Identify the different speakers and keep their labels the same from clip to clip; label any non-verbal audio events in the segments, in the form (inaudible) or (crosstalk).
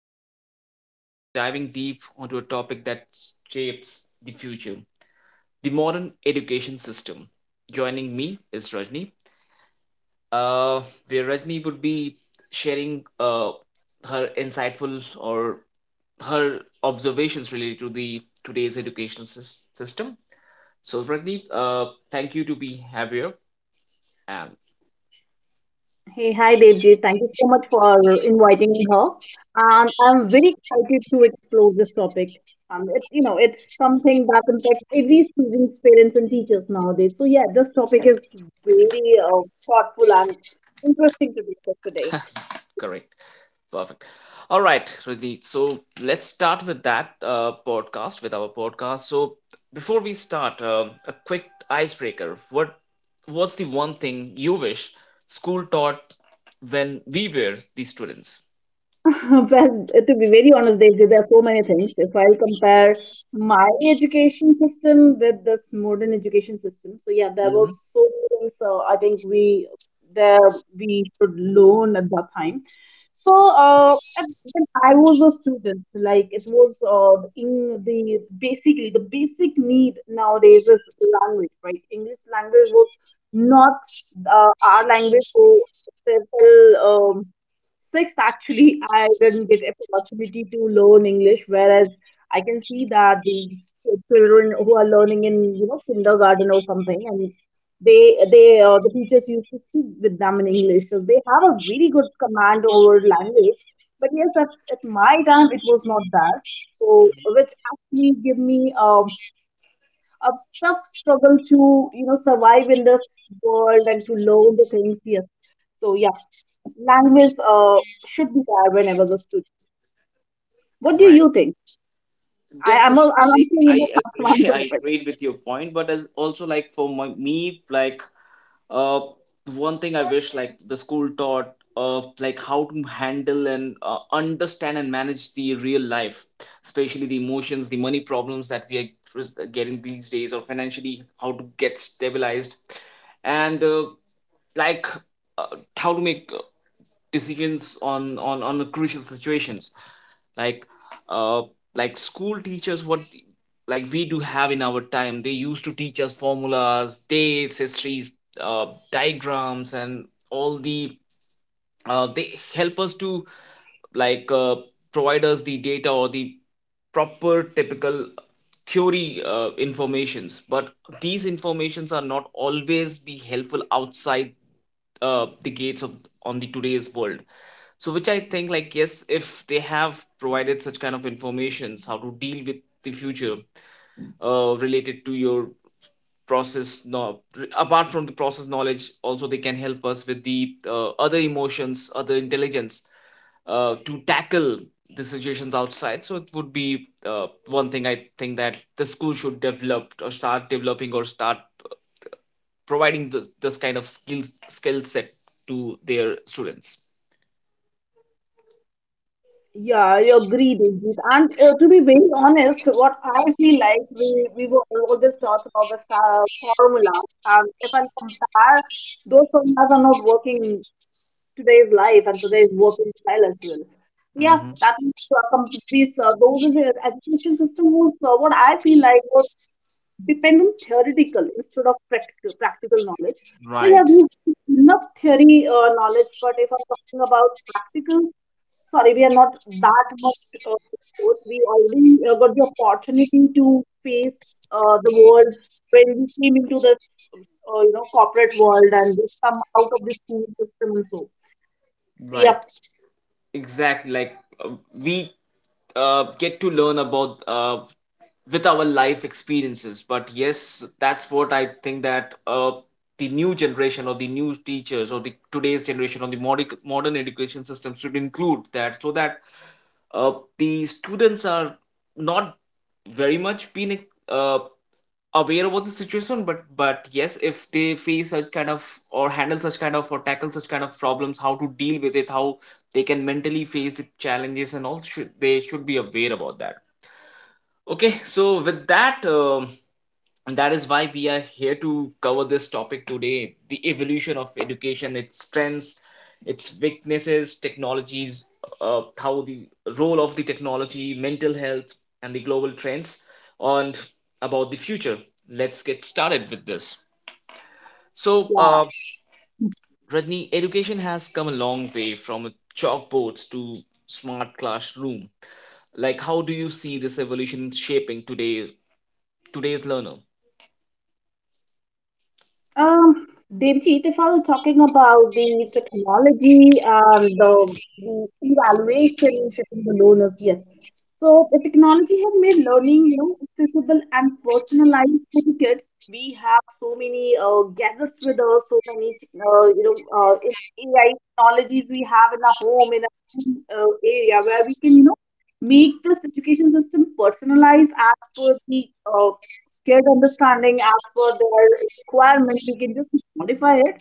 Speaker 1: Today we are diving deep onto a topic that shapes the future, the modern education system. Joining me is Rajni, uh, where Rajni would be sharing her insightful or her observations related to the today's education system. So Rajni, thank you to be have here. And
Speaker 2: Hey, hi Devji. Thank you so much for inviting her. I'm very excited to explore this topic. It's something that impacts every student's parents and teachers nowadays. So yeah, this topic is very thoughtful and interesting to discuss today.
Speaker 1: correct. Perfect. All right, Rajneet. So let's start with that podcast, with our podcast. So before we start, a quick icebreaker. What was the one thing you wish school taught when we were the students?
Speaker 2: (laughs) Well, to be very honest, they there are so many things. If I'll compare my education system with this modern education system, so yeah, there was
Speaker 1: hmm
Speaker 2: so many things. So I think there we should learn at that time. So when I was a student, like it was in the basically the basic need nowadays is language, right? English language was not our language for several. Sixth, actually, I didn't get an opportunity to learn English, whereas I can see that the children who are learning in, kindergarten or something, and the teachers used to speak with them in English, so they have a very good command over language. But yes, that's at my time it was not that, so which actually give me a tough struggle to, survive in this world and to learn the things. Yes, so yeah language should be there whenever the student. What do
Speaker 1: Right.
Speaker 2: you think? I am
Speaker 1: Definitely,
Speaker 2: a, I'm
Speaker 1: like,
Speaker 2: answering in
Speaker 1: I
Speaker 2: a
Speaker 1: agree. (laughs) I
Speaker 2: answer it.
Speaker 1: agreed with your point, but as also like for my, me, like uh, one thing I wish like the school taught of like how to handle and understand and manage the real life, especially the emotions, the money problems that we are getting these days, or financially how to get stabilized, and like uh, how to make decisions on the crucial situations like uh like school teachers what like we do have in our time. They used to teach us formulas, dates, histories, uh, diagrams and all the they help us to like provide us the data or the proper typical theory informations, but these informations are not always be helpful outside the gates of on the today's world. So which I think like, yes, if they have provided such kind of informations how to deal with the future related to your process, no, apart from the process knowledge also they can help us with the other emotions, other intelligence to tackle the situations outside. So it would be one thing I think that the school should develop or start developing or start providing this, this kind of skills skill set to their students.
Speaker 2: Yeah, I agree, Diljit. And to be very honest, what I feel like we were always taught about the formulas. And if I compare, those formulas are not working in today's life and today's working style as well. Yeah,
Speaker 1: hmm
Speaker 2: that is complete. Those is the education system was what I feel like depend on theoretical instead of practical knowledge. So yeah,
Speaker 1: Right,
Speaker 2: we have enough theory knowledge, but if I'm talking about practical, sorry, we are not that much. Exposed. We already got the opportunity to face the world when we came into this, you know, corporate world and we come out of the school system and so. So yeah,
Speaker 1: right. Exactly, like uh, we get to learn about with our life experiences, but yes, that's what I think, that the new generation or the new teachers or the today's generation or the modern modern education system should include that, so that uh, the students are not very much being uh, aware about the situation, but yes, if they face such kind of or handle such kind of or tackle such kind of problems, how to deal with it, how they can mentally face the challenges and all should, they should be aware about that. Okay, so with that, and that is why we are here to cover this topic today, the evolution of education, its strengths, its weaknesses, technologies, how the role of the technology, mental health, and the global trends, and about the future. Let's get started with this. So,
Speaker 2: yeah.
Speaker 1: Rajni, education has come a long way from chalkboards to smart classroom. Like, how do you see this evolution shaping today's learner?
Speaker 2: Um, Devjit, if I'm talking about the technology and the evaluation should the learners, yes. So the technology has made learning, accessible and personalized for the kids. We have so many gadgets with us, so many, AI technologies we have in our home, in our area where we can, make this education system personalized as per the shared understanding as per their requirement. We can just modify it.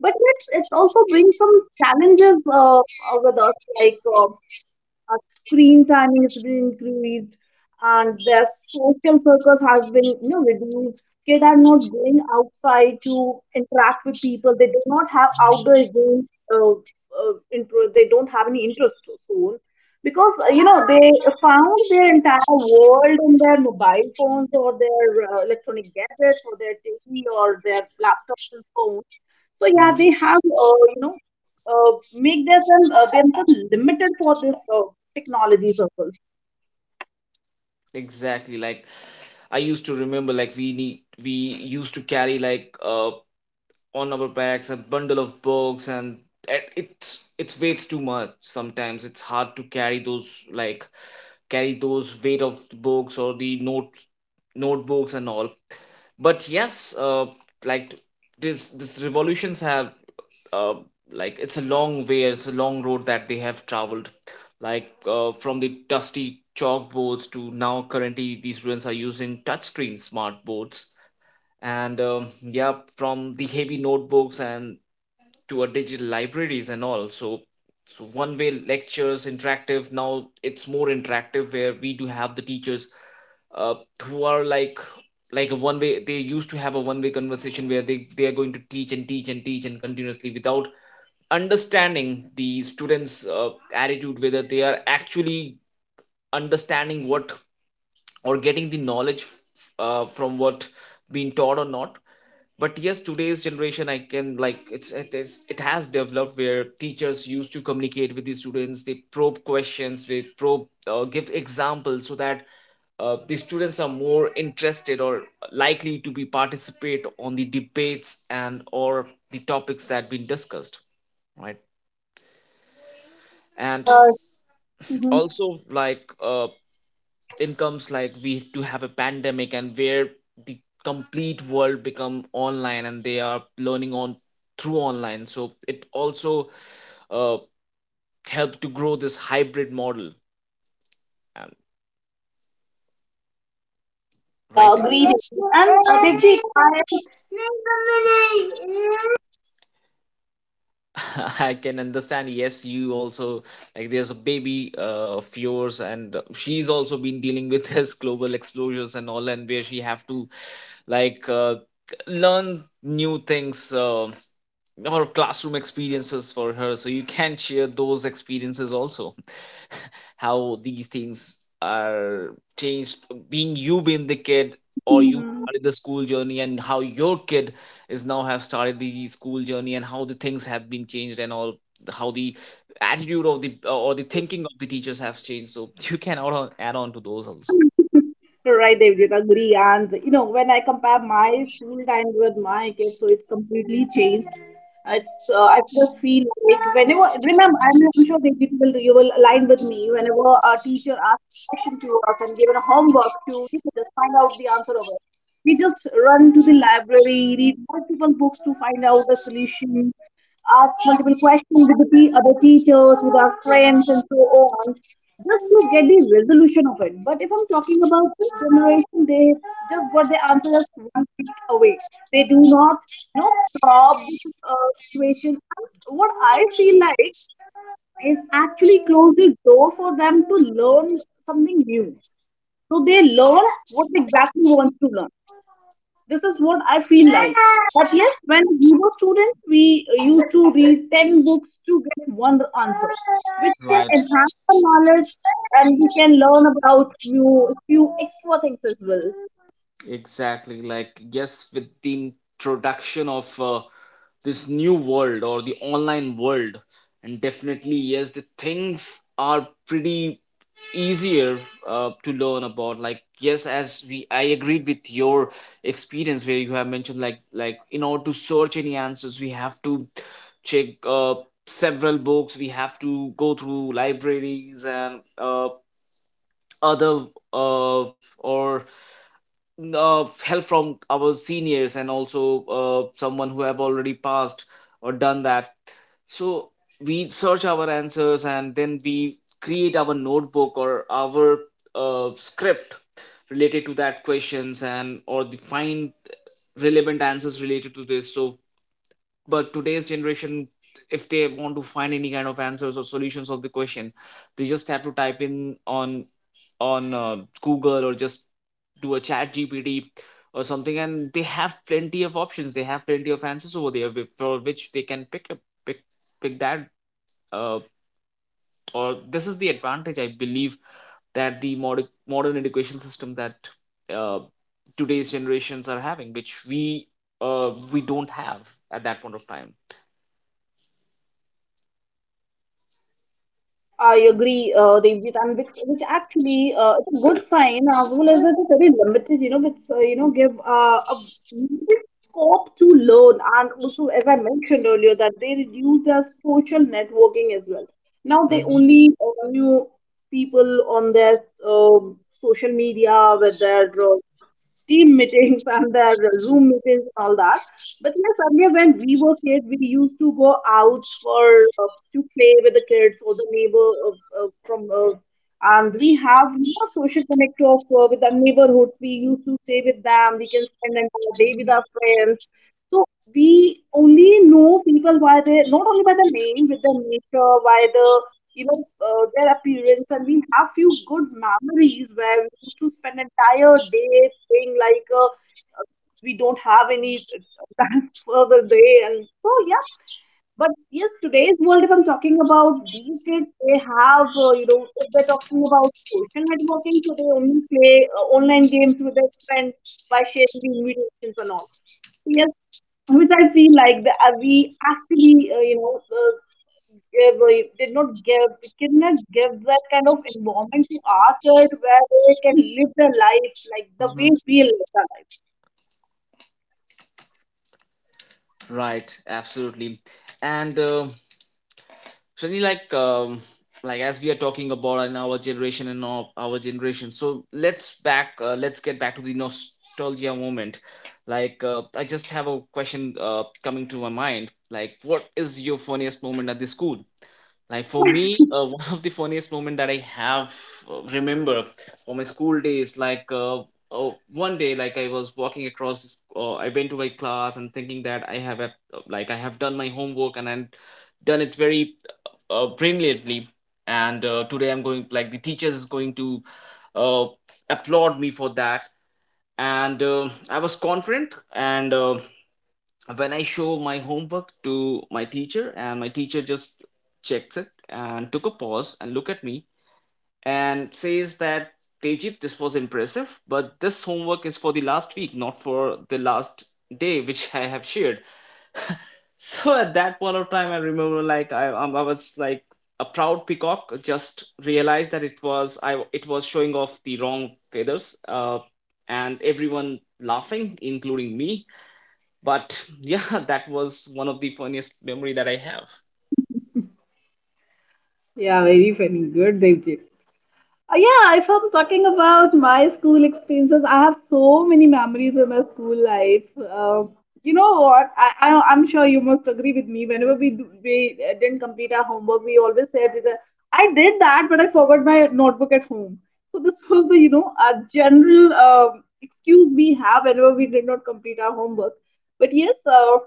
Speaker 2: But yes, it's also brings some challenges with us, like our screen timing has been increased, and their social circles has been reduced. Kids are not going outside to interact with people. They do not have outdoor games. Uh, they don't have any interest soon because they found their entire world in their mobile phones or their electronic gadgets or their TV or their laptops and phones. So yeah, they have make their some themselves limited for this technology circles.
Speaker 1: Exactly. Like, I used to remember like we need we used to carry like on our backs a bundle of books, and it's weights too much, sometimes it's hard to carry those, like carry those weight of the books or the notes notebooks and all. But yes, like this revolutions have uh, like it's a long way, it's a long road that they have traveled, like from the dusty chalkboards to now currently these students are using touchscreen smart boards, and yeah, from the heavy notebooks and to a digital libraries and all. So so one way lectures interactive, now it's more interactive, where we do have the teachers uh, who are like a one way, they used to have a one way conversation where they are going to teach and teach and teach and continuously without understanding the students attitude whether they are actually understanding what or getting the knowledge from what being taught or not. But yes, today's generation I can like it's, it is, it has developed where teachers used to communicate with the students, they probe questions, they probe give examples, so that the students are more interested or likely to be participate on the debates and or the topics that been discussed. Right. And
Speaker 2: Uh, mhm.
Speaker 1: also, like incomes like we do have a pandemic, and where the complete world become online and they are learning on through online, so it also uh, helped to grow this hybrid model and
Speaker 2: Yeah,
Speaker 1: right.
Speaker 2: agreed. And Devji,
Speaker 1: (laughs) I can understand, yes, you also like there's a baby of yours and she's also been dealing with (laughs) this global explosions and all, and where she have to like learn new things, or classroom experiences for her, so you can share those experiences also. (laughs) How these things are changed, being you being the kid or you
Speaker 2: I. (laughs)
Speaker 1: started the school journey and how your kid is now have started the school journey and how the things have been changed and all, how the attitude of the or the thinking of the teachers have changed, so (laughs) you can add on, add on to those also.
Speaker 2: Right, Devjit, agree. And when I compare my school time with my kids, so it's completely changed. It's I just feel like whenever remember, I'm sure Devjit will you will align with me. Whenever a teacher asks a question to us and given a homework to just find out the answer of it, we just run to the library, read multiple books to find out a solution ask multiple questions with the other teachers, with our friends, and so on, just to get the resolution of it. But if I'm talking about this generation, they just got the answer just one click away. They do not, you know, solve the situation. And what I feel like is actually close the door for them to learn something new. So they learn what exactly wants to learn. This is what I feel like. But yes, when we were students, we used to read 10 books to get one answer, which can
Speaker 1: Right.
Speaker 2: enhance our knowledge and we can learn about new few extra things as well.
Speaker 1: Exactly. Like, yes, with the introduction of this new world or the online world, and definitely, yes, the things are pretty easier to learn about. Like, yes, as we, I agreed with your experience where you have mentioned like in order to search any answers, we have to check several books, we have to go through libraries and other uh, or help from our seniors and also someone who have already passed or done that. So we search our answers and then we create our notebook or our script related to that questions and or the find relevant answers related to this. So but today's generation, if they want to find any kind of answers or solutions of the question, they just have to type in on Google or just do a chat gpt or something, and they have plenty of options, they have plenty of answers over there, for which they can pick up, pick, pick that uh, or this is the advantage I believe, that the modern education system that uh, today's generations are having, which we don't have at that point of time.
Speaker 2: I agree, Devjit, and which actually it's a good sign as well as it's very limited, which give a limited scope to learn, and also as I mentioned earlier that they reduce their social networking as well. Now they only knew people on their social media with their team meetings and their Zoom meetings and all that. But yes, earlier when we were kids, we used to go out for to play with the kids or the neighbor and we have social connect of with our neighborhood. We used to stay with them. We can spend an entire day with our friends. So we only know people by their not only by the name, with the nature, by the you know their appearance, and we have few good memories where we used to spend entire day playing like uh, we don't have any (laughs) time for the day, and so yeah, but yes, today's world, if I'm talking about these kids, they have, if they're talking about social networking, so they only play online games with their friends by sharing the invitations and all. So, yes, which I feel like we actually, gave, did not give, we did not give that kind of environment to our kids where they can live their life like the
Speaker 1: Mm-hmm.
Speaker 2: way we live our life.
Speaker 1: Right, absolutely. And Shani, like as we are talking about in our generation and our generation, so let's back, let's get back to the nostalgia moment. Like, I just have a question coming to my mind. Like, what is your funniest moment at the school? Like for me, (laughs) one of the funniest moment that I have remember from my school days, like oh, one day, like I was walking across, the I went to my class and thinking that I have, a, like I have done my homework and I'm done it very brilliantly. And today I'm going, like the teacher is going to uh, applaud me for that. And I was confident and when I show my homework to my teacher, and my teacher just checks it and took a pause and look at me and says that Tejit, this was impressive, but this homework is for the last week, not for the last day which I have shared. (laughs) So at that point of time, I remember like I was like a proud peacock just realized that it was I it was showing off the wrong feathers, and everyone laughing, including me. But yeah, (laughs) that was one of the funniest memory that I have.
Speaker 2: Yeah, very funny. Good, Devjit. Yeah, if I'm talking about my school experiences, I have so many memories of my school life. You know what? I'm sure you must agree with me. Whenever we didn't complete our homework, we always said that I did that, but I forgot my notebook at home. So this (laughs) was the a general excuse we have whenever we did not complete our homework. But yes,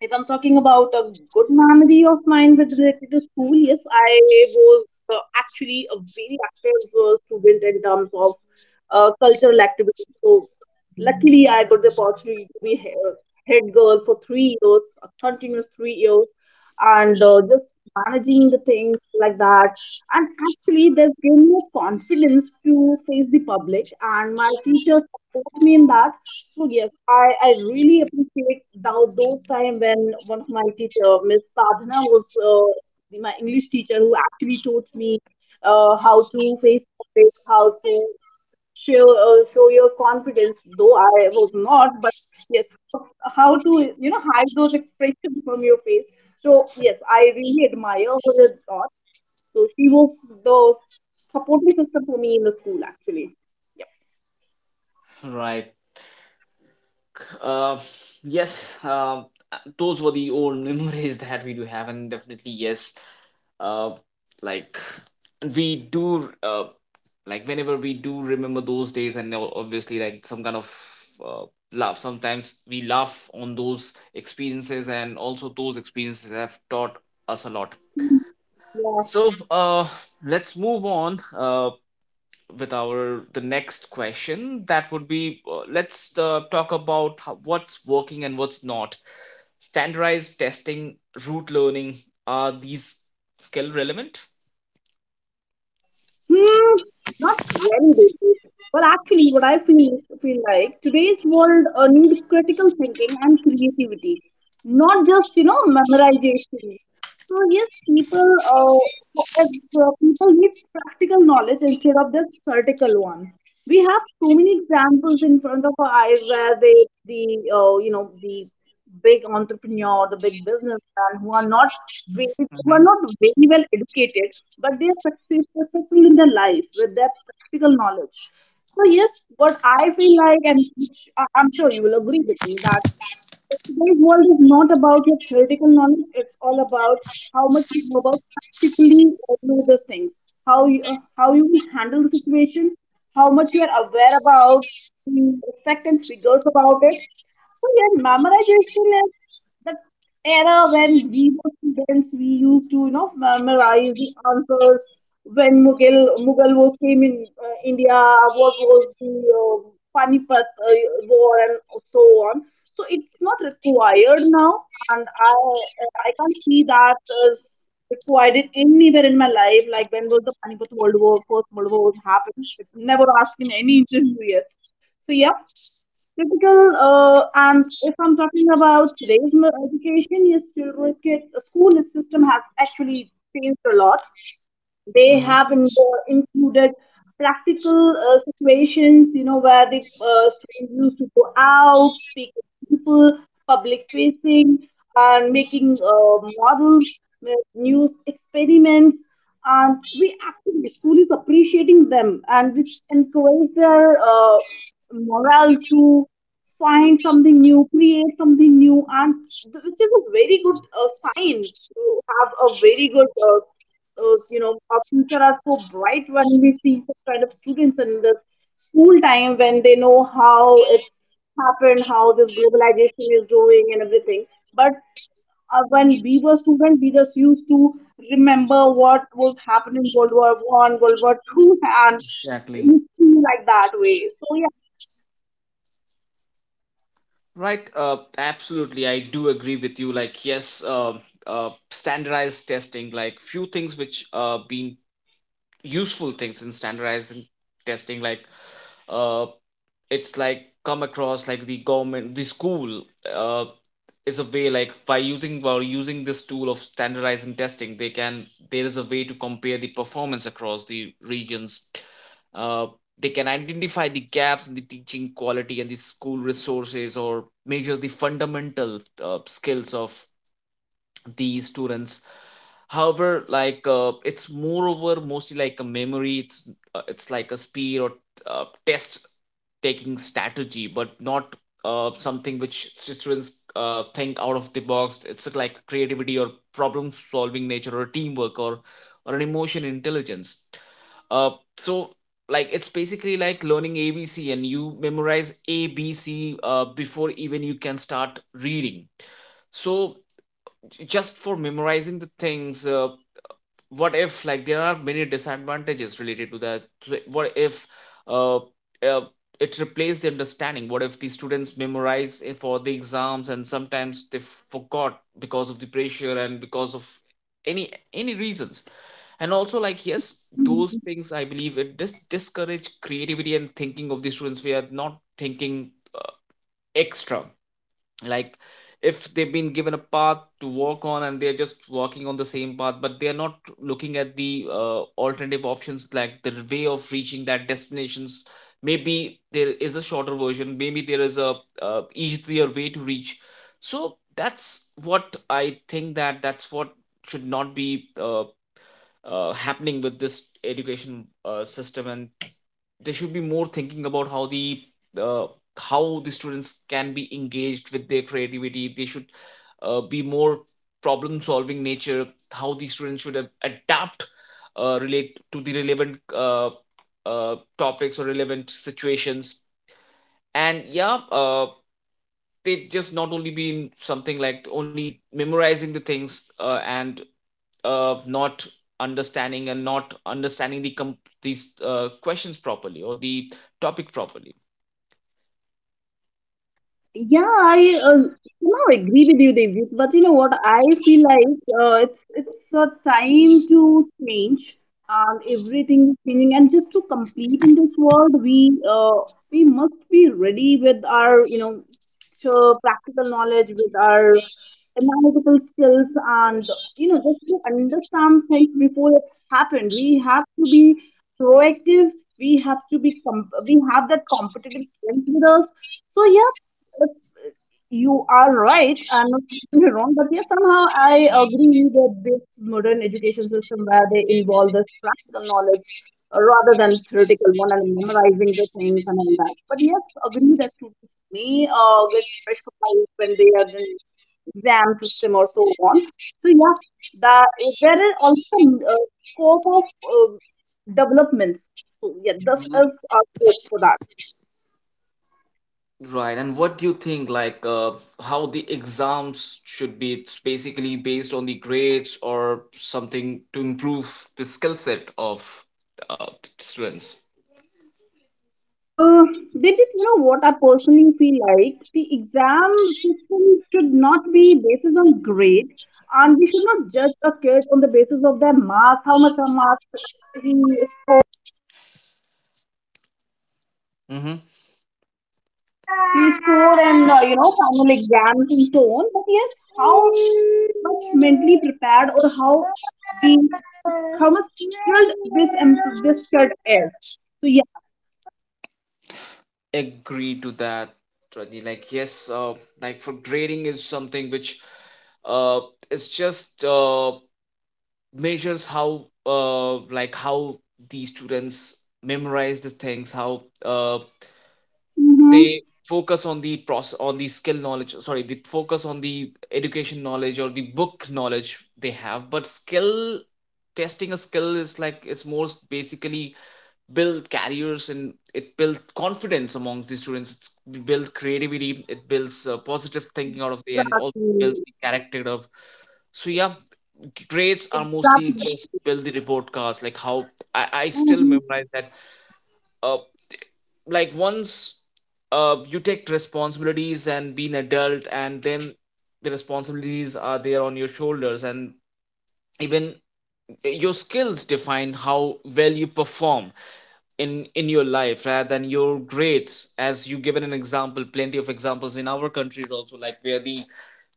Speaker 2: if I'm talking about a good memory of mine with related to school, yes, I was actually a very active student in terms of cultural activities. So luckily, I got the opportunity to be head girl for 3 years, a continuous 3 years, and just managing the things like that. And actually, that gave me a confidence to face the public, and my teachers supported me in that. So yes, I really appreciate thou those time when one of my teacher, Miss Sadhana, was my English teacher who actually taught me how to face public, how to show your confidence though I was not, but yes how, to hide those expressions from your face. So yes, I really admire her a lot. So she was the supporting system for me in the school actually.
Speaker 1: Right. uh, yes, those were the old memories (laughs) that we do have, and definitely, yes, uh, like we do like whenever we do remember those days and now obviously like some kind of uh, laugh, sometimes we laugh on those experiences, and also those experiences have taught us a lot.
Speaker 2: Yeah.
Speaker 1: So let's move on with our the next question. That would be let's talk about how, what's working and what's not. Standardized testing, root learning, are these skill relevant?
Speaker 2: Hmm, not really basic. Well, actually what I feel like today's world need critical thinking and creativity, not just memorization. So yes, people if, people need practical knowledge instead of the theoretical one. We have so many examples in front of our eyes where the the big entrepreneur, the big businessman who are not very, who
Speaker 1: hmm
Speaker 2: are not very well educated, but they are successful in their life with their practical knowledge. So yes, what I feel like, and which I'm sure you will agree with me that today's world is not about your theoretical knowledge. It's all about how much you know about practically know these things, how you can handle the situation, how much you are aware about the effect and figures about it. So yeah, memorization is that era when we were students, we used to, memorize the answers when Mughal was came in India, what was the Panipat war and so on. So it's not required now, and I can't see that as required it anywhere in my life. Like when was the Panipat World War, First World War was happened? It never asked in any interview yet. So yeah, typical, and if I'm talking about today's education, yes, school system has actually changed a lot. They
Speaker 1: hmm
Speaker 2: have included practical situations, you know, where the students used to go out, speak with people, public facing, and making models, new experiments, and we actually school is appreciating them, and which encourage their morale too find something new, create something new, and which is a very good sign to have a very good, our future are so bright when we see such kind of students in the school time when they know how it's happened, how this globalization is doing, and everything. But when we were students, we just used to remember what was happening in World War One, World War Two, (laughs) and it
Speaker 1: Exactly.
Speaker 2: used to be like that way. So
Speaker 1: Right. Absolutely. I do agree with you. Like, yes, standardized testing, like few things which being useful things in standardizing testing, like uh, it's like come across like the government, the school uh, is a way like by using this tool of standardizing testing, they can, there is a way to compare the performance across the regions. uh, they can identify the gaps in the teaching quality and the school resources, or measure the fundamental skills of the students. However, like, it's moreover mostly like a memory, it's like a speed or test taking strategy, but not something which students think out of the box, it's like creativity or problem solving nature or teamwork or an emotion intelligence. Uh, so like it's basically like learning abc, and you memorize abc before even you can start reading. So just for memorizing the things, what if like there are many disadvantages related to that. So, what if uh, uh, it replaced the understanding? What if the students memorize it for the exams, and sometimes they forgot because of the pressure and because of any reasons? And also like, yes, those
Speaker 2: yeah.
Speaker 1: things, I believe it discourage creativity and thinking of the students. We are not thinking uh, extra. Like if they've been given a path to walk on, and they're just walking on the same path, but they're not looking at the alternative options, like the way of reaching that destinations. Maybe there is a shorter version, maybe there is a easier way to reach. So that's what I think, that's what should not be happening with this education system. And they should be more thinking about how the uh, how the students can be engaged with their creativity. They should be more problem solving nature. How the students should adapt, relate to the relevant topics or relevant situations. And yeah, they just not only be in something like only memorizing the things, and not understanding, and not understanding these questions properly or the topic properly.
Speaker 2: Yeah, I somehow agree with you, David. But you know what? I feel like it's a time to change, and everything is changing. And just to compete in this world, we must be ready with our, you know, so practical knowledge, with our analytical skills, and you know just to understand things before it's happened. We have to be proactive. We have to be we have that competitive strength with us. So yeah, you are right. I'm not saying you're wrong, but yeah, somehow I agree that this modern education system where they involve this practical knowledge rather than theoretical one and memorizing the things and all that. But yes, agree that students may get pressurized when they are in exam system or so on. So yeah, that there is also scope of developments. So yeah, this
Speaker 1: Mhm.
Speaker 2: is our scope for that.
Speaker 1: Right. And what do you think, like, how the exams should be? It's basically based on the grades or something to improve the skill set of the students.
Speaker 2: Uh, that is, you know, what I personally feel like. The exam system should not be basis on grade, and we should not judge a kid on the basis of their marks, how much marks he
Speaker 1: Mm-hmm.
Speaker 2: he scored, and you know, final exams and so on. But yes, how much mentally prepared or how the how much skilled this this kid is. So yeah.
Speaker 1: Agree to that, Rajni. Like, yes, like for grading is something which uh, is just measures how like how the students memorize the things, how
Speaker 2: Mm-hmm.
Speaker 1: they focus on the process, on the skill knowledge, sorry, the focus on the education knowledge or the book knowledge they have. But skill, testing a skill is like, it's more basically build careers, and it builds confidence amongst the students. It's build creativity, it builds positive thinking out of the end, also builds
Speaker 2: Exactly.
Speaker 1: the character of. So yeah, traits are mostly
Speaker 2: Exactly.
Speaker 1: just build the report cards, like how I still
Speaker 2: Mm-hmm.
Speaker 1: memorize that. uh, like once you take responsibilities and be an adult, and then the responsibilities are there on your shoulders, and even your skills define how well you perform in your life, rather than your grades. As you given an example, plenty of examples in our countries also, like where the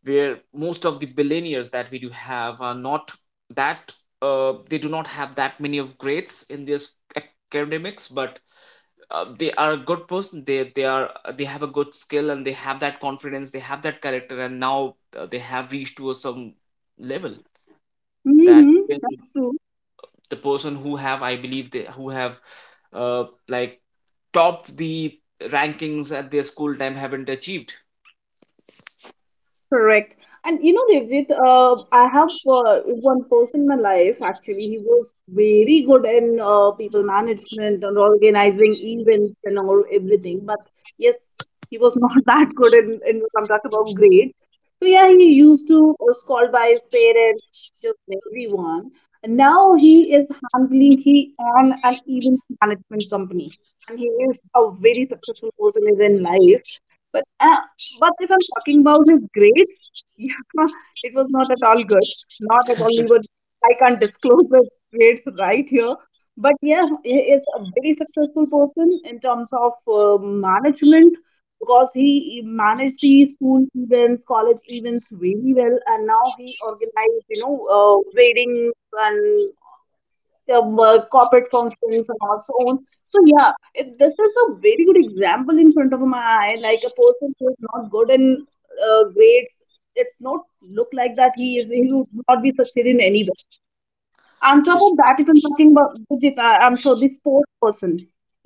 Speaker 1: where most of the billionaires that we do have are not that, they do not have that many of grades in their academics, but they are a good person, they are, they have a good skill, and they have that confidence, they have that character, and now they have reached to a some level that
Speaker 2: Mm-hmm.
Speaker 1: even
Speaker 2: That's true.
Speaker 1: the person who have, I believe, they who have uh, like top the rankings at their school time haven't achieved.
Speaker 2: Correct. And you know, Devjit, I have one person in my life actually. He was very good in people management and organizing events and all everything. But yes, he was not (laughs) that good in when I'm talking about grades. So yeah, he used to was called by his parents, just everyone. And now he is handling he on an event management company and he is a very successful person is in life. But uh, but if I'm talking about his grades, (laughs) yeah, it was not at all good. Not at all. We were. I can't disclose the grades right here. But yeah, he is a very successful person in terms of management because he managed the school events, college events very well, and now he organized, you know, weddings and corporate functions and also on. So yeah, it, this is a very good example in front of my eye. Like a person who is not good in grades, it's not look like that he is he would not be succeeding anywhere. On top
Speaker 1: Yes.
Speaker 2: of that, if I'm talking about Gurjit, I'm sure the sports person,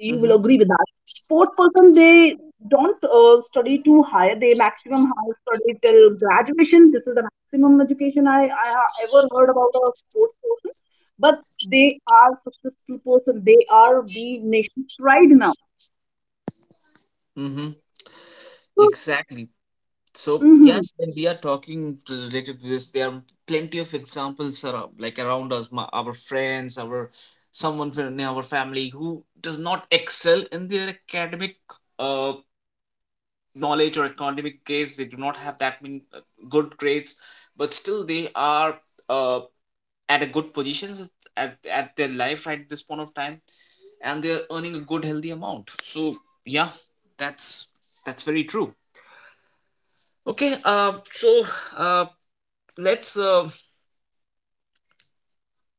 Speaker 2: you
Speaker 1: Mm-hmm,
Speaker 2: will agree with that. Sports person, they don't study too high. They maximum high study till graduation. This is the maximum education I ever heard about a sports person. But they are successful person. They are the nation's pride now.
Speaker 1: mm-hmm.
Speaker 2: So,
Speaker 1: Exactly. So
Speaker 2: mhm.
Speaker 1: yes, when we are talking to related to this, there are plenty of examples around, like around us, my, our friends, our someone from our family who does not excel in their academic uh, knowledge or academic grades. They do not have that many good grades, but still they are uh, at a good positions at their life right at this point of time, and they are earning a good healthy amount. So yeah, that's that's very true. Okay, so uh, let's uh,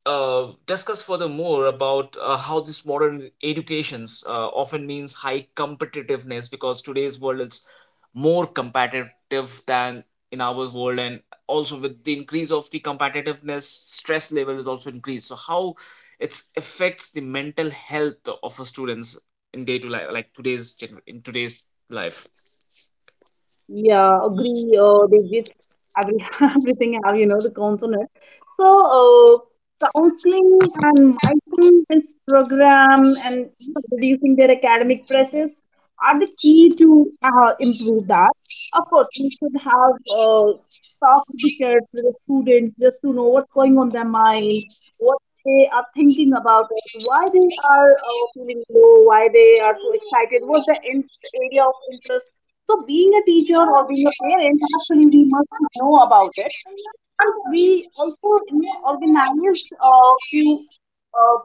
Speaker 1: uh, discuss further more about how this modern educations often means high competitiveness, because today's world is more competitive than in our world. And also with the increase of the competitiveness, stress level is also increased. So how it affects the mental health of a students in day to life, like in today's life.
Speaker 2: Yeah, agree they with every, (laughs) everything have, you know, the consonant. So, counseling and mindfulness program and you know, reducing their academic pressures are the key to improve that. Of course, we should have talk with the kids, with the students, just to know what's going on their mind, what they are thinking about it, why they are feeling low, why they are so excited, what's the area of interest. So, being a teacher or being a parent, actually, we must know about it. And we also you know, organize a few uh,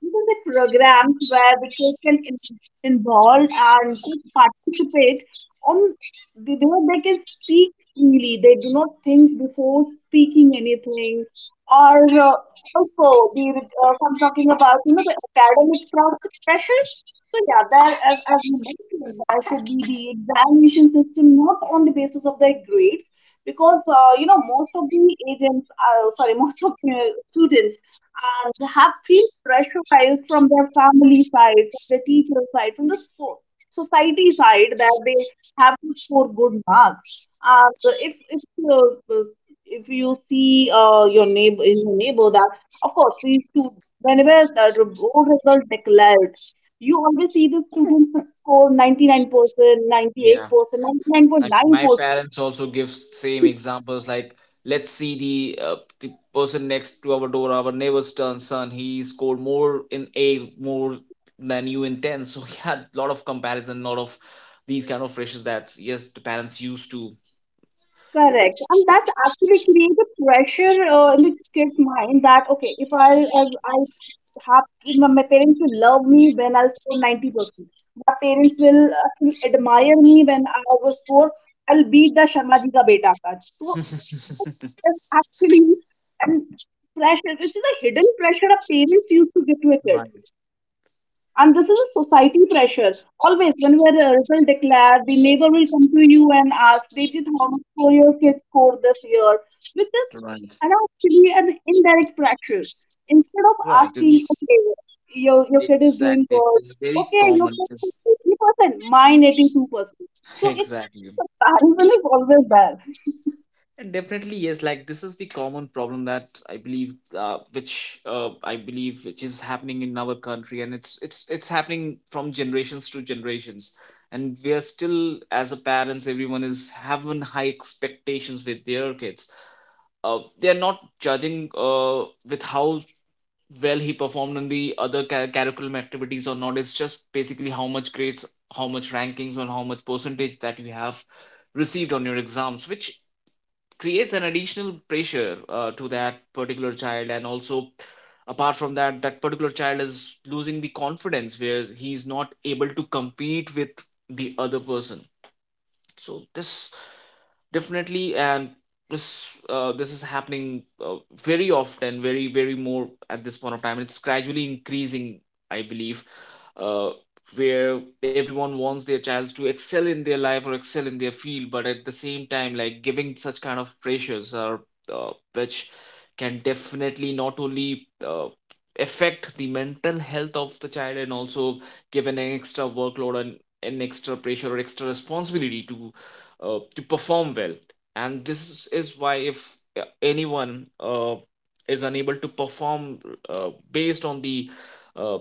Speaker 2: these are the programs where the kids involved and could participate on the they can speak freely. They do not think before speaking anything. Or also, if I'm talking about you know the academic pressures. So yeah, that as you mentioned, there should be the examination system not on the basis of their grades, because you know most of the agents, sorry, (laughs) most of the students have feel pressurized from their family side, from their teacher side, from the society side that they have to score good marks. Uh, if if uh, if you see your neighbor in your neighbor that of course we should whenever the board result declared you always see the students score 99%, 98%,
Speaker 1: Like my
Speaker 2: 99.9%.
Speaker 1: parents also give same examples, like let's see the person next to our door, our neighbor's turn son, he scored more in a more than you in 10. So (laughs) yeah, a lot of comparison, lot of these kind of pressures, that yes, the parents used to.
Speaker 2: Correct. And that's actually creates a pressure in the kid's mind that, okay, if I, I have to, my parents will love me when I'll score 90%. My parents will actually admire me when I will score, I'll beat the Sharma ji ka beta card. So that's actually and pressure, which is a hidden pressure a parents used to give to a kid.
Speaker 1: Right.
Speaker 2: And this is a society pressure. Always, when we are a result declared, the neighbor will come to you and ask, Devjit, how much score your kids scored this year? Which is
Speaker 1: Right.
Speaker 2: and actually an indirect pressure. Instead of
Speaker 1: Right,
Speaker 2: asking,
Speaker 1: it's.
Speaker 2: okay, your kid is doing
Speaker 1: Exactly,
Speaker 2: good,
Speaker 1: it's very
Speaker 2: okay, your
Speaker 1: common,
Speaker 2: kid is
Speaker 1: it's.
Speaker 2: 80%, mine 82%.
Speaker 1: (laughs)
Speaker 2: So it
Speaker 1: Exactly.
Speaker 2: comparison (laughs) is always there.
Speaker 1: And definitely, yes, like this is the common problem that I believe, which I believe which is happening in our country, and it's happening from generations to generations. And we are still as a parents, everyone is having high expectations with their kids. They are not judging with how well he performed in the other curriculum activities or not. It's just basically how much grades, how much rankings, and how much percentage that you have received on your exams, which creates an additional pressure to that particular child. And also apart from that, that particular child is losing the confidence, where he's not able to compete with the other person. So this, definitely, and this this is happening very often, very very more at this point of time, it's gradually increasing, I believe, uh, where everyone wants their child to excel in their life or excel in their field. But at the same time, like giving such kind of pressures are which can definitely not only affect the mental health of the child, and also give an extra workload and an extra pressure or extra responsibility to perform well. And this is why if anyone is unable to perform uh, based on the uh,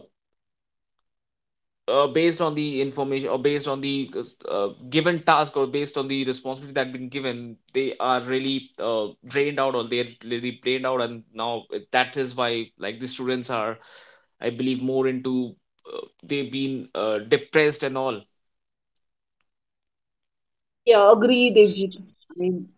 Speaker 1: based on the information or based on the given task or based on the responsibility that been given, they are really drained out, or they're really drained out. And now that is why like the students are, I believe, more into, uh, they've been depressed and all.
Speaker 2: Yeah, agree, Devjit. I mean,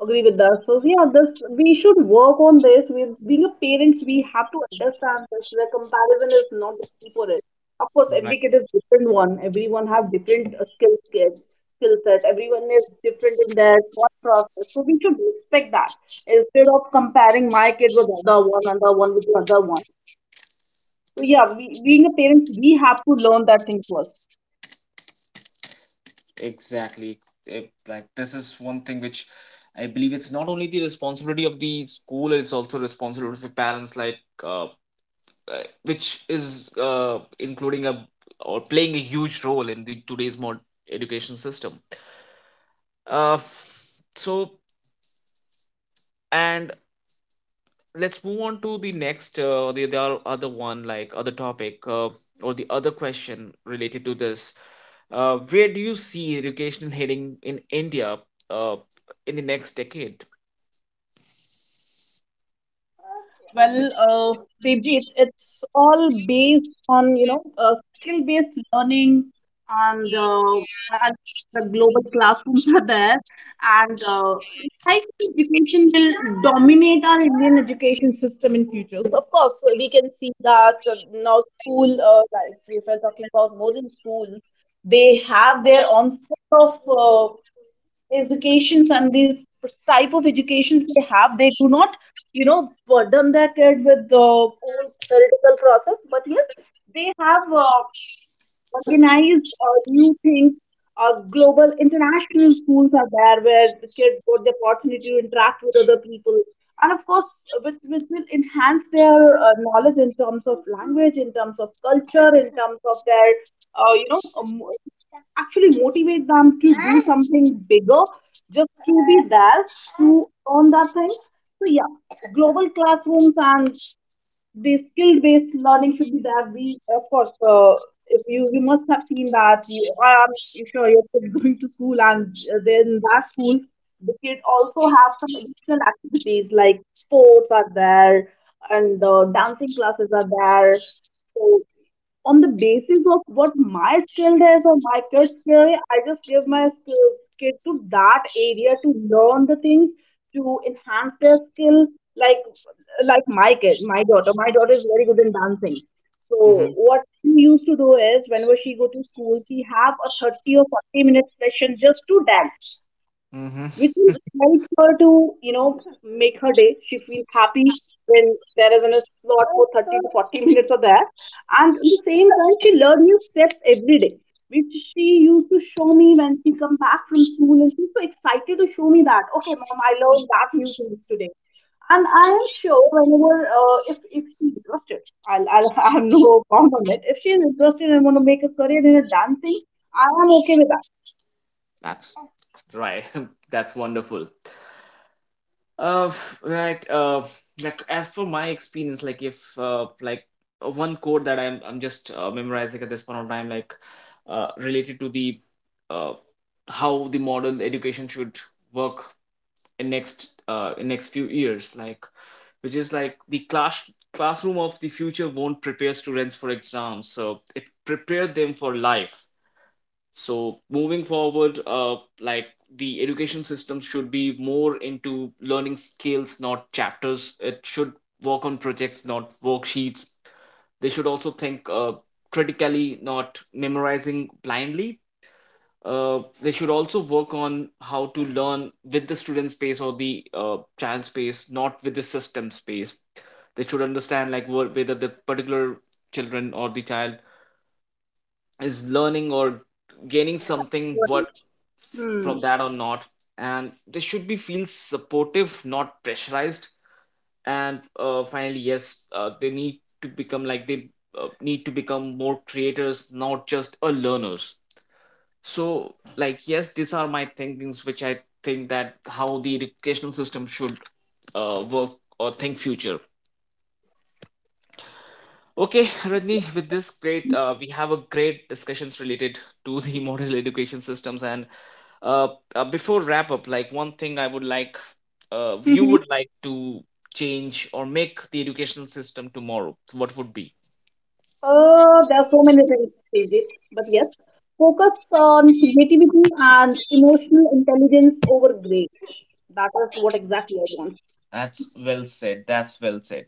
Speaker 2: agree with that. So yeah, this we should work on this. With being a parents, we have to understand this. The comparison is not the key for it. Of course, every kid is different one. Everyone have different skill set. Everyone is different in their thought process. So we should respect that instead of comparing my kid with other one with the other one. So yeah, we, being a parent, we have to learn that thing first.
Speaker 1: Exactly. It, like this is one thing which I believe it's not only the responsibility of the school, it's also responsibility for parents, like which is including a or playing a huge role in the today's mod education system. Uh, so and let's move on to the next other one, like other topic, or the other question related to this. Where do you see education heading in India uh, in the next decade?
Speaker 2: Well, Devjit, it's all based on, you know, skill-based learning and, uh, and the global classrooms are there. And high education will dominate our Indian education system in future. So, of course, we can see that now school life, if we're talking about modern schools, they have their own sort of educations and the type of educations they have they do not you know burden their kid with the whole theoretical process, but yes they have organize new things. Global international schools are there where the kids got the opportunity to interact with other people, and of course, which will enhance their knowledge in terms of language, in terms of culture, in terms of their, uh, you know, um, actually motivate them to do something bigger, just to be there to earn that things. So yeah, global classrooms and the skill based learning should be there. If you must have seen that. You, I am sure your kid (laughs) going to school, and then that school, the kid also have some additional activities like sports are there, and dancing classes are there. So on the basis of what my skill is or my kid's skill, I just give my skill kid to that area to learn the things to enhance their skill. Like like my kid, my daughter is very good in dancing. So
Speaker 1: Mm-hmm.
Speaker 2: what she used to do is whenever she go to school, she have a 30 or 40-minute session just to dance
Speaker 1: Mm-hmm.
Speaker 2: which will help her to, you know, make her day. She feels happy when there is a slot for 30 to 40 minutes of that. And at the same time, she learned new steps every day, which she used to show me when she come back from school. And she's so excited to show me that, okay, mom, I learned that new things today. And I am sure whenever, if she's interested, (laughs) I have no bound on it. If she is interested and want to make a career in a dancing, I am okay with that.
Speaker 1: That's right. (laughs) That's wonderful. Right. Like as for my experience, like if like one code that I'm just memorizing at this point of time, like related to the uh, how the model education should work in next few years, like which is like the classroom of the future won't prepare students for exams, so it prepared them for life. So moving forward, like the education system should be more into learning skills, not chapters. It should work on projects, not worksheets. They should also think critically, not memorizing blindly. They should also work on how to learn with the student space or the child space, not with the system space. They should understand, like whether the particular children or the child is learning or gaining something what
Speaker 2: Hmm.
Speaker 1: from that or not. And they should be feel supportive, not pressurized. And finally, yes, they need to become like they need to become more creators, not just a learners. So like, yes, these are my thinkings which I think that how the educational system should work or think future. Okay, Rajni, with this great, we have a great discussions related to the (laughs) modern education systems. And uh, before wrap up, like one thing I would like, you
Speaker 2: (laughs)
Speaker 1: would like to change or make the educational system tomorrow, what would be?
Speaker 2: There are so many things, Sejit, but yes, focus on creativity and emotional intelligence over grades. That is what exactly I want.
Speaker 1: That's well said. That's well said.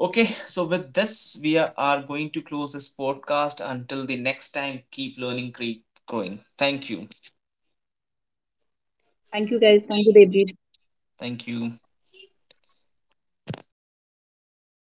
Speaker 1: Okay, so with this, we are going to close this podcast. Until the next time, keep learning, keep growing. Thank you.
Speaker 2: Thank you, guys. Thank you, Devji.
Speaker 1: Thank you.